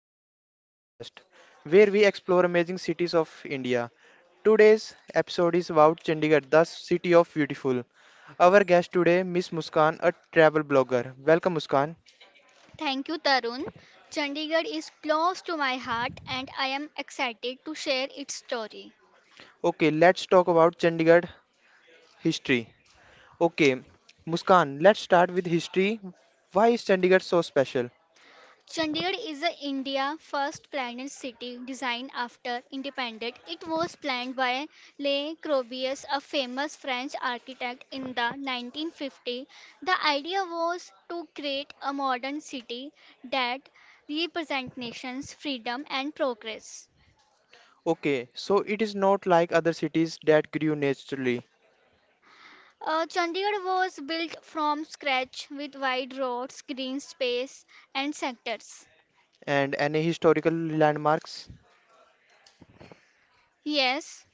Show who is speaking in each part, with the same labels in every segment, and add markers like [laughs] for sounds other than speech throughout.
Speaker 1: Talks, the podcast, where we explore amazing cities of India. Today's episode is about Chandigarh, the city of beautiful. Our guest today, Miss Muskan, a travel blogger. Welcome Muskan.
Speaker 2: Thank you, Tarun. Chandigarh is close to my heart and I am excited to share its story.
Speaker 1: Okay, let's talk about Chandigarh history. Okay, Muskan, let's start with history. Why is Chandigarh so special?
Speaker 2: Chandigarh is a India first planned city designed after independence. It was planned by Le Corbusier, a famous French architect in the 1950s. The idea was to create a modern city that represents nations, freedom and progress.
Speaker 1: Okay, so it is not like other cities that grew naturally.
Speaker 2: Chandigarh was built from scratch with wide roads, green space, and sectors.
Speaker 1: And any historical landmarks?
Speaker 2: Yes,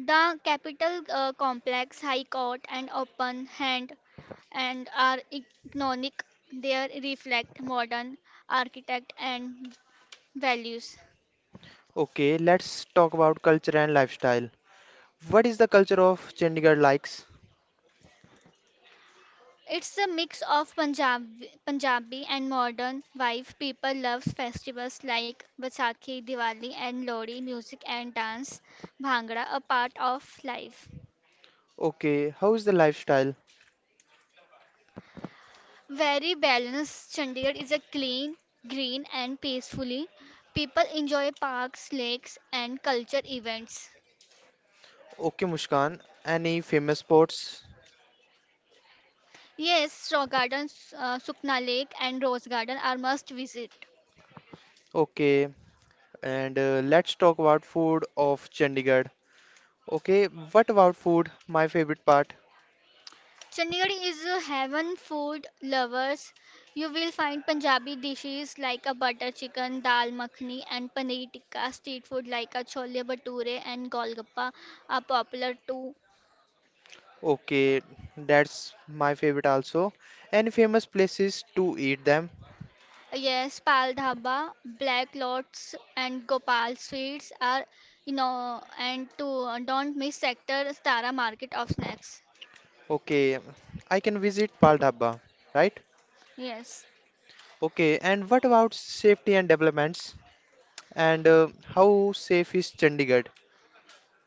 Speaker 2: the capital complex, High Court, and open hand and are iconic. They reflect modern architect and values.
Speaker 1: Okay, let's talk about culture and lifestyle. What is the culture of Chandigarh likes?
Speaker 2: It's a mix of Punjabi and modern vibe. People love festivals like Vaisakhi, Diwali, and Lodi. Music and dance, bhangra, a part of life.
Speaker 1: Okay, how is the lifestyle?
Speaker 2: Very balanced. Chandigarh is a clean, green, and peacefully. People enjoy parks, lakes, and culture events.
Speaker 1: Okay, Mushkan, any famous spots?
Speaker 2: Yes, Raw Gardens, Sukna Lake, and Rose Garden are must visit.
Speaker 1: Okay, and let's talk about food of Chandigarh. Okay, what about food? My favorite part.
Speaker 2: Chandigarh is a heaven food lovers. You will find Punjabi dishes like a butter chicken, dal makhani, and paneer tikka. Street food like a chole bhature and golgappa are popular too.
Speaker 1: Okay, that's my favorite also. Any famous places to eat them?
Speaker 2: Yes, Pal Dhaba, Black Lots, and Gopal Sweets are, and to don't miss Sector Tara Market of Snacks.
Speaker 1: Okay, I can visit Pal Dhabba, right?
Speaker 2: Yes,
Speaker 1: Okay, and what about safety and developments? And how safe is Chandigarh?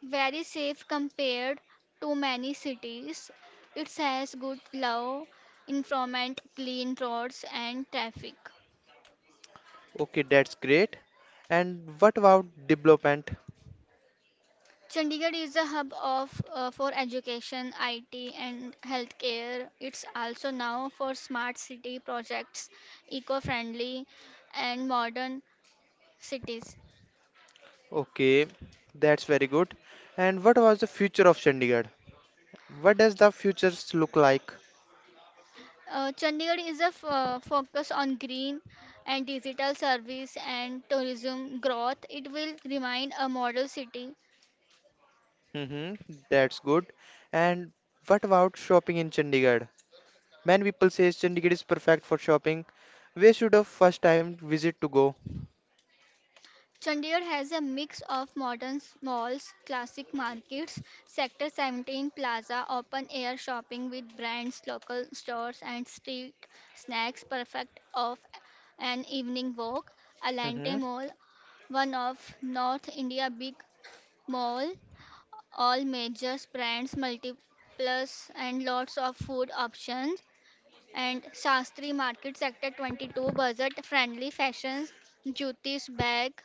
Speaker 2: very safe compared to many cities. It has good law, environment, clean roads, and traffic.
Speaker 1: Okay, that's great. And what about development?
Speaker 2: Chandigarh is a hub of for education, IT, and healthcare. It's also now for smart city projects, eco-friendly and modern cities.
Speaker 1: Okay, that's very good. And what was the future of Chandigarh? What does the futures look like?
Speaker 2: Chandigarh is a focus on green and digital service and tourism growth. It will remain a model city.
Speaker 1: Mm-hmm, that's good. And what about shopping in Chandigarh? Many people say Chandigarh is perfect for shopping. Where should a first time visit to go?
Speaker 2: Chandigarh has a mix of modern malls, classic markets, Sector 17 Plaza, open air shopping with brands, local stores, and street snacks, perfect of an evening walk. Alante
Speaker 1: Mm-hmm.
Speaker 2: Mall, one of North India big mall all major brands, multiplus, and lots of food options. And Shastri Market Sector 22, budget friendly fashions, Jyotish bag,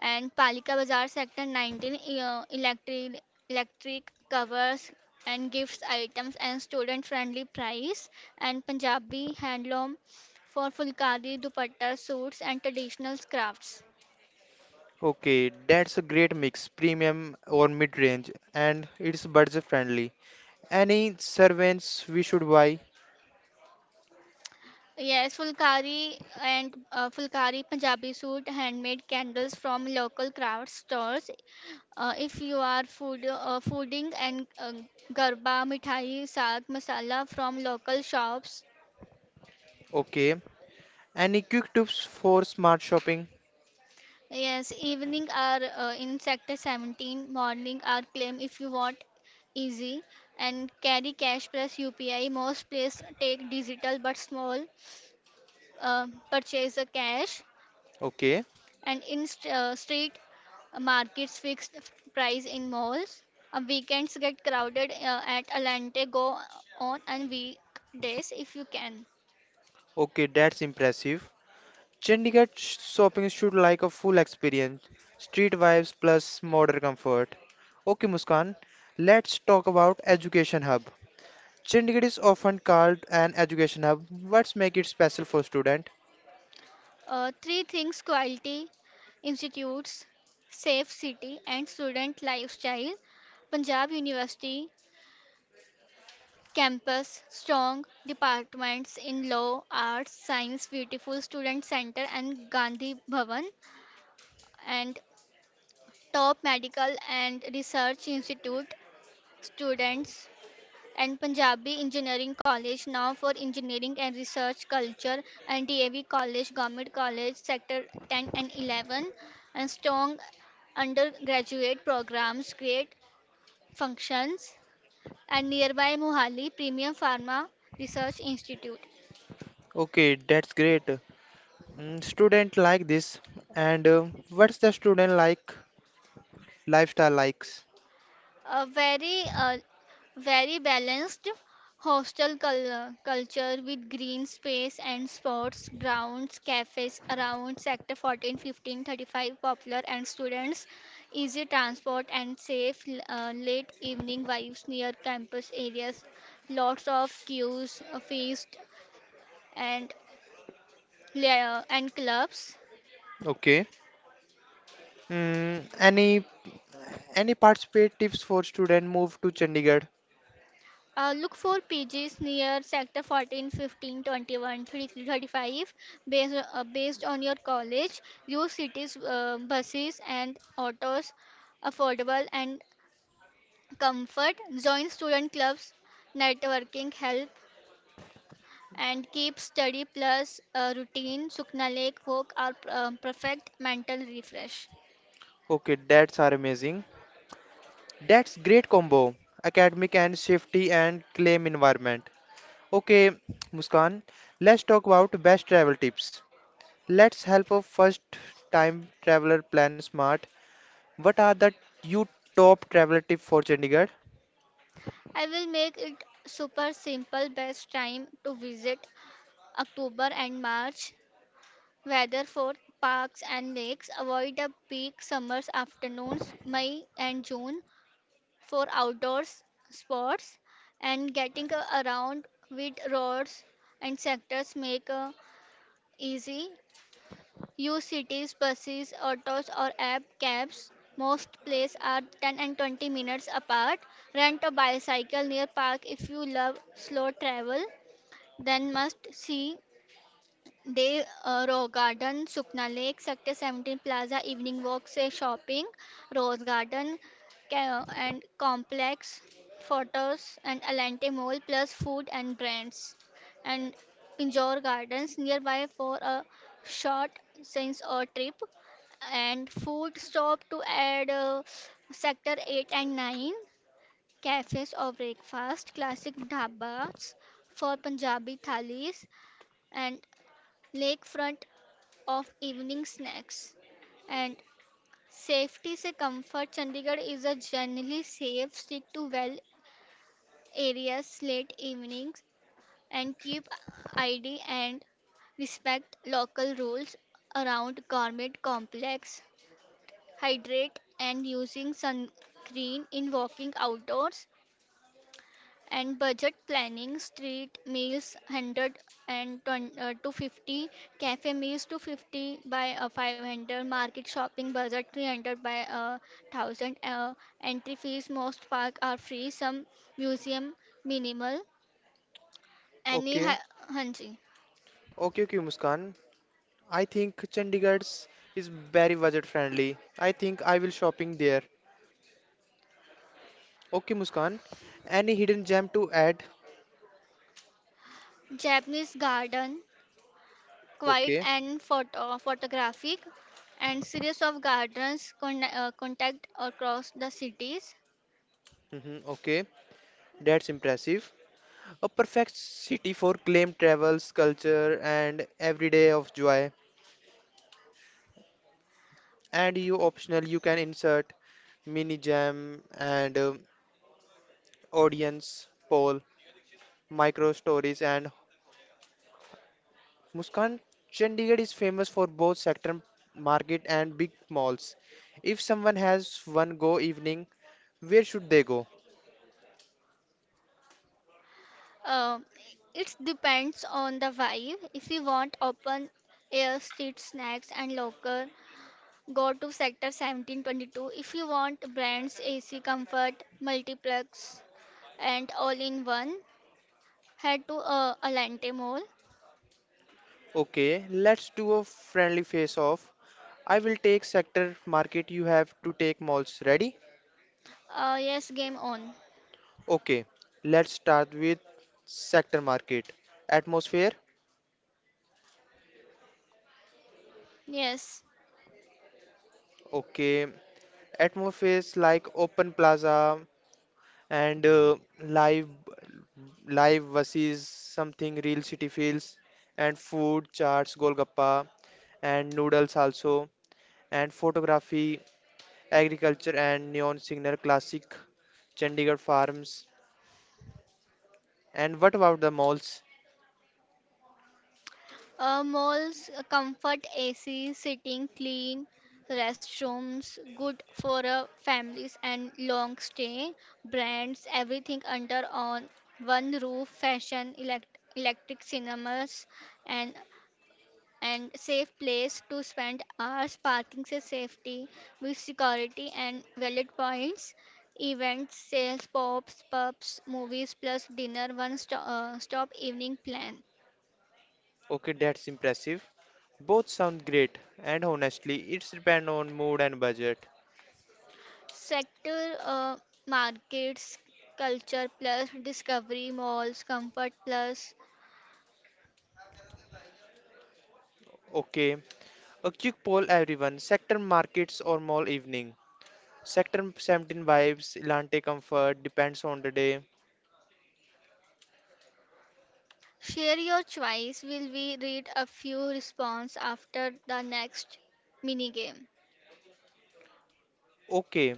Speaker 2: and Palika Bazaar Sector 19, electric covers and gifts items and student friendly price. And Punjabi handloom for Fulkari, dupatta, suits, and traditional crafts.
Speaker 1: Okay, that's a great mix, premium or mid-range, and it's budget friendly. Any servants we should buy?
Speaker 2: Yes, fulkari Punjabi suit, handmade candles from local craft stores. If you are fooding and garba, mithai, saag, masala from local shops.
Speaker 1: Okay. Any quick tips for smart shopping?
Speaker 2: Yes, evening are in sector 17, morning are claim if you want easy and carry cash plus UPI. Most place take digital but small purchase a cash
Speaker 1: Okay.
Speaker 2: and in street markets fixed price in malls. Weekends get crowded at Alante. Go on and weekdays if you can.
Speaker 1: Okay, that's impressive. Chandigarh shopping should like a full experience. Street vibes plus modern comfort. Okay, Muskan, let's talk about education hub. Chandigarh is often called an education hub. What's make it special for student?
Speaker 2: Three things: quality institutes, safe city, and student lifestyle. Punjab University campus, strong departments in law, arts, science, beautiful student center, and Gandhi Bhavan, and top medical and research institute students and Punjabi Engineering College now for engineering and research culture and DAV College Government College sector 10 and 11 and strong undergraduate programs great functions and nearby Mohali Premium Pharma Research Institute.
Speaker 1: Okay, that's great. Mm, student like this and what's the student like lifestyle likes?
Speaker 2: A very balanced hostel culture with green space and sports grounds, cafes around sector 14, 15, 35, popular and students easy transport and safe late evening vibes near campus areas, lots of queues feast, and and clubs.
Speaker 1: Okay. Mm, any participate tips for student move to Chandigarh?
Speaker 2: Look for pages near sector 14, 15, 21, 33, 35 based on your college. Use cities, buses, and autos affordable and comfort. Join student clubs, networking help, and keep study plus routine. Sukna Lake walk are perfect mental refresh.
Speaker 1: Okay, that's are amazing. That's great combo. Academic and safety and claim environment. Okay, Muskan, let's talk about best travel tips. Let's help a first time traveler plan smart. What are the you top travel tip for Chandigarh?
Speaker 2: I will make it super simple best time to visit October and March. Weather for parks and lakes. Avoid the peak summers afternoons, May and June, for outdoors sports and getting around with roads and sectors make easy. Use cities, buses, autos or app cabs. Most places are 10 and 20 minutes apart. Rent a bicycle near park if you love slow travel. Then must see Day Rose Garden, Sukna Lake, Sector 17 Plaza, evening Walks, say shopping, Rose Garden and complex, photos and Alante Mall plus food and brands and Pinjore Gardens nearby for a short sense or trip and food stop to add sector 8 and 9 cafes or breakfast classic dhabas for punjabi thalis and lakefront of evening snacks and safety से comfort. Chandigarh is a generally safe stick to well areas late evenings and keep id and respect local rules around garment complex, hydrate and using sunscreen in walking outdoors, and budget planning street meals 100 and 20, 250 cafe meals to 50 by 500 market shopping budget 300 by 1,000 entry fees most park are free some museum minimal any
Speaker 1: Okay,
Speaker 2: hanji
Speaker 1: okay, Muskan. I think Chandigarh's is very budget friendly. I think I will shopping there. Okay, Muskan. Any hidden gem to add?
Speaker 2: japanese garden quiet
Speaker 1: Okay.
Speaker 2: and photographic and series of gardens contact across the cities.
Speaker 1: Mhm, okay. That's impressive. A perfect city for claim travels, culture, and every day of joy. And you optional, you can insert mini gem and audience poll, micro stories, and Muskan. Chandigarh is famous for both sector market and big malls. If someone has one go evening, where should they go?
Speaker 2: Um, it depends on the vibe. If you want open air street snacks and locker, go to Sector 1722. If you want brands, AC Comfort, Multiplex, and all in one, head to Alante Mall.
Speaker 1: Okay, let's do a friendly face off. I will take sector market. You have to take malls. Ready?
Speaker 2: Yes, game on.
Speaker 1: Okay. Let's start with sector market. Atmosphere.
Speaker 2: Yes.
Speaker 1: Okay. Atmosphere is like open plaza and live live versus something real city feels and food charts golgappa and noodles also and photography agriculture and neon signal classic chandigarh farms and what about the malls.
Speaker 2: Malls, comfort AC, sitting clean, restrooms, good for families and long stay, brands, everything under on one roof, fashion, electric cinemas, and safe place to spend hours, parking safety with security and valid points, events, sales, pops, pubs, movies plus dinner, one stop evening plan.
Speaker 1: Okay, that's impressive. Both sound great, and honestly, it's depend on mood and budget.
Speaker 2: Sector markets, culture plus, discovery malls, comfort plus.
Speaker 1: Okay, a quick poll everyone. Sector markets or mall evening? Sector 17 vibes, Elante comfort, depends on the day.
Speaker 2: Share your choice. Will we read a few response after the next mini game?
Speaker 1: Okay,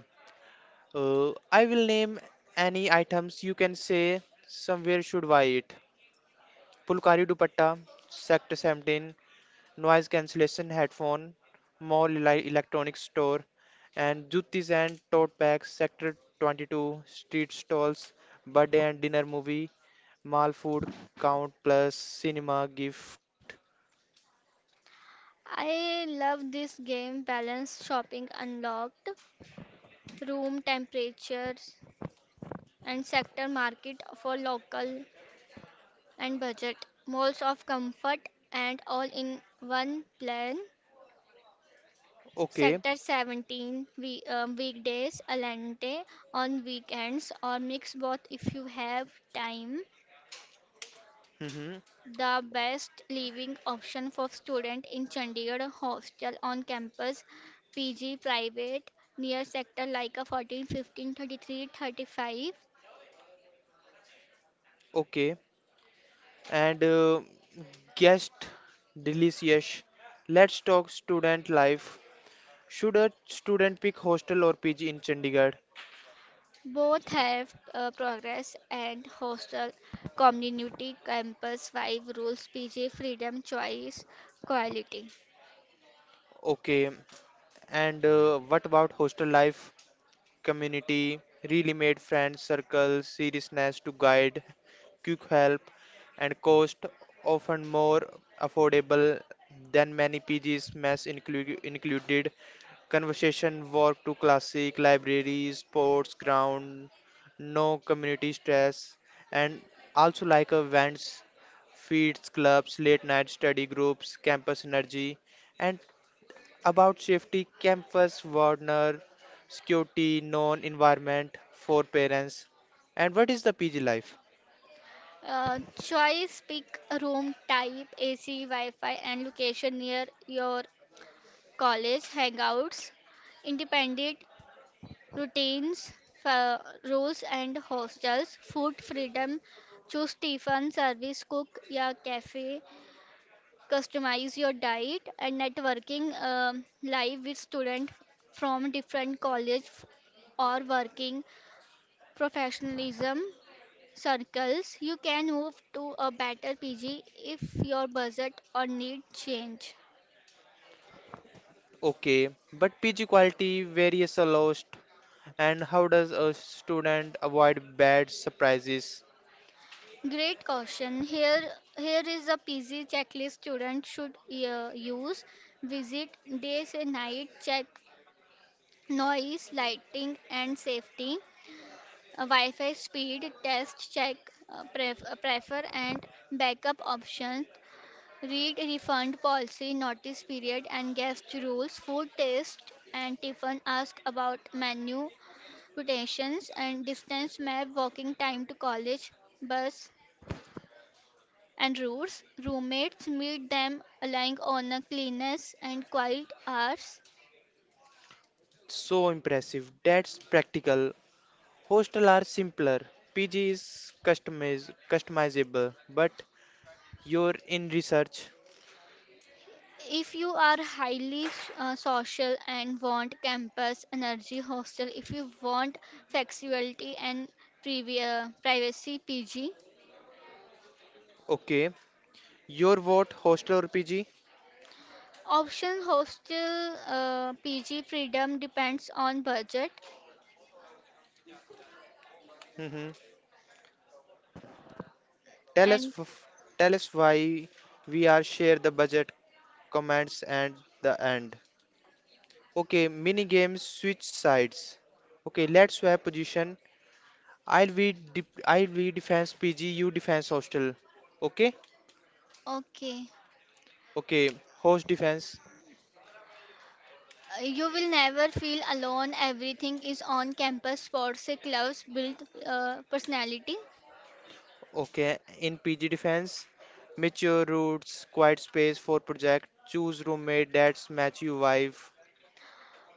Speaker 1: I will name any items you can say somewhere should buy it. Pulkari dupatta, Sector 17, noise cancellation headphone, mall electronics store, and Jutis and tote bags, sector 22, street stalls, birthday and dinner movie, mall food count plus cinema gift.
Speaker 2: I love this game. Balance shopping unlocked, room temperatures, and sector market for local and budget. Malls of comfort and all in one plan.
Speaker 1: Okay,
Speaker 2: Sector 17 we, weekdays, Alante on weekends, or mix both if you have time.
Speaker 1: mm-hmm.
Speaker 2: The best living option for student in Chandigarh hostel on campus, PG private, near sector like a 14, 15, 33, 35.
Speaker 1: Okay, and guest delicious. Let's talk student life. Should a student pick hostel or PG in Chandigarh?
Speaker 2: Both have progress and hostel community campus 5 rules, PG freedom, choice, quality.
Speaker 1: Okay, and what about hostel life? Community, really made friends, circles, seriousness to guide, quick help, and cost often more affordable than many PGs, Mess included, conversation walk to classic, libraries, sports ground, no community stress, and also like events, feeds, clubs, late night study groups, campus energy, and about safety, campus warner, security, known environment for parents. And what is the PG life?
Speaker 2: Choice pick a room type, AC, Wi Fi, and location near your college hangouts, independent routines, fa- rules, and hostels, food freedom. Choose Tiffin, service cook, या cafe. Customize your diet and networking live with students from different college or working professionalism circles, you can move to a better PG if your budget or need change.
Speaker 1: Okay, but PG quality varies a lot. And how does a student avoid bad surprises?
Speaker 2: Great caution. Here, is a PG checklist students should use. Visit days and night. Check noise, lighting, and safety. Wi-Fi speed test. Check prefer and backup options. Read refund policy, notice period, and guest rules. Food taste and Tiffin ask about menu quotations and distance map walking time to college, bus, and routes. Roommates meet them relying on a cleanness and quiet hours.
Speaker 1: So impressive. That's practical. Hostel are simpler. PG is customizable, but you're in research.
Speaker 2: If you are highly social and want campus energy hostel, if you want flexibility and privacy PG,
Speaker 1: Okay, your vote, hostel or PG?
Speaker 2: option hostel PG freedom depends on budget
Speaker 1: [laughs] Tell us,
Speaker 2: and
Speaker 1: tell us why we are share the budget comments and the end. Okay, mini games switch sides. Okay, let's swap position. I'll be defense PG, you defense hostel. Okay,
Speaker 2: okay.
Speaker 1: okay, host defense.
Speaker 2: You will never feel alone. Everything is on campus. Sports clubs build personality.
Speaker 1: Okay, in PG defense, mature routes, quiet space for project. Choose roommate that's match you vibe.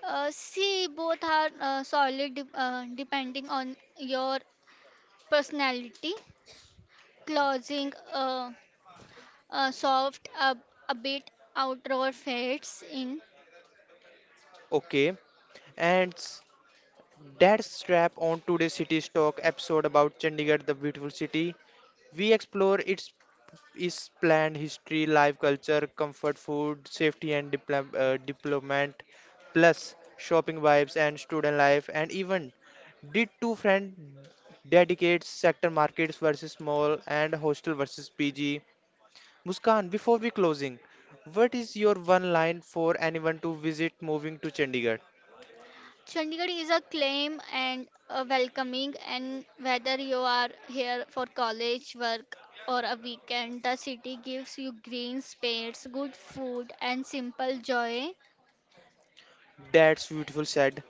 Speaker 2: See, both are solid depending on your personality. Closing soft, a bit outdoor fades in.
Speaker 1: Okay, and that's wrap on today's city's talk episode about Chandigarh, the beautiful city. We explore its planned history, life, culture, comfort food, safety and deployment, plus shopping vibes and student life, and even did two friend dedicate sector markets versus mall and hostel versus PG. Muskan, before we closing, what is your one line for anyone to visit moving to Chandigarh?
Speaker 2: Chandigarh is a claim and a welcoming, and whether you are here for college, work, or a weekend, the city gives you green space, good food, and simple joy.
Speaker 1: That's beautiful said.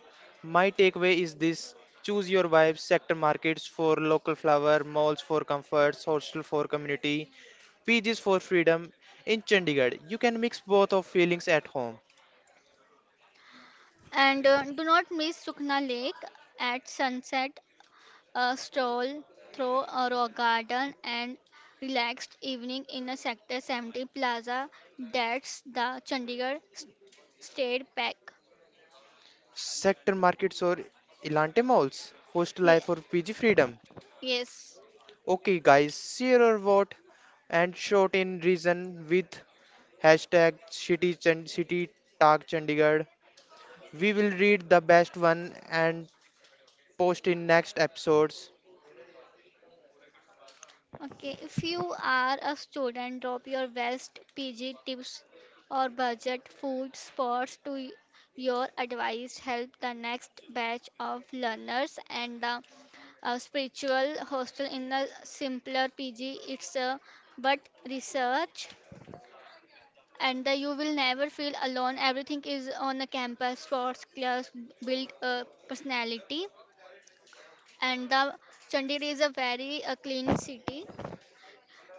Speaker 1: My takeaway is this choose your vibes, sector markets for local flower, malls for comforts, hostel for community, PGs for freedom. In Chandigarh, you can mix both of feelings at home.
Speaker 2: And do not miss Sukna Lake at sunset, a stroll through a rock garden, and relaxed evening in a Sector 70 plaza. That's the Chandigarh State Park.
Speaker 1: Sector markets or Elante malls, hostel
Speaker 2: Ye-
Speaker 1: life or PG freedom.
Speaker 2: Yes.
Speaker 1: Okay guys, share your vote and short in reason with hashtag city city talk Chandigarh. We will read the best one and post in next episodes.
Speaker 2: Okay, if you are a student, drop your best PG tips or budget food spots to your advice help the next batch of learners and the spiritual hostel in a simpler PG. It's a but research and the, you will never feel alone. Everything is on the campus. Sports class build a personality and the Chandigarh is a very clean city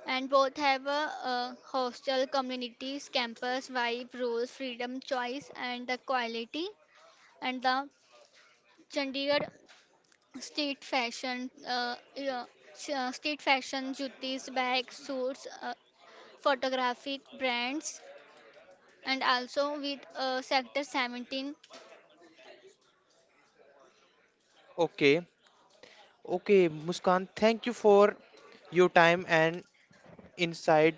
Speaker 2: and both have a hostel communities campus vibe rules freedom choice and the quality and the chandigarh state fashion yeah, state fashion jutis bags suits photographic brands and also with sector 17.
Speaker 1: Okay, okay, Muskan, thank you for your time and insight.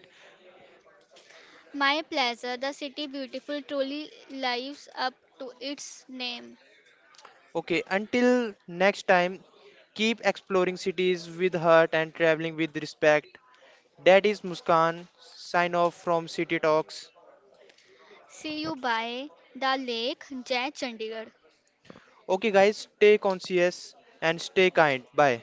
Speaker 2: My plaza, the city beautiful truly lives up to its name.
Speaker 1: Okay, until next time, keep exploring cities with heart and traveling with respect. That is Muskan, sign off from City Talks.
Speaker 2: See you by the lake. Jai Chandigarh.
Speaker 1: Okay, guys, stay conscious and stay kind. Bye.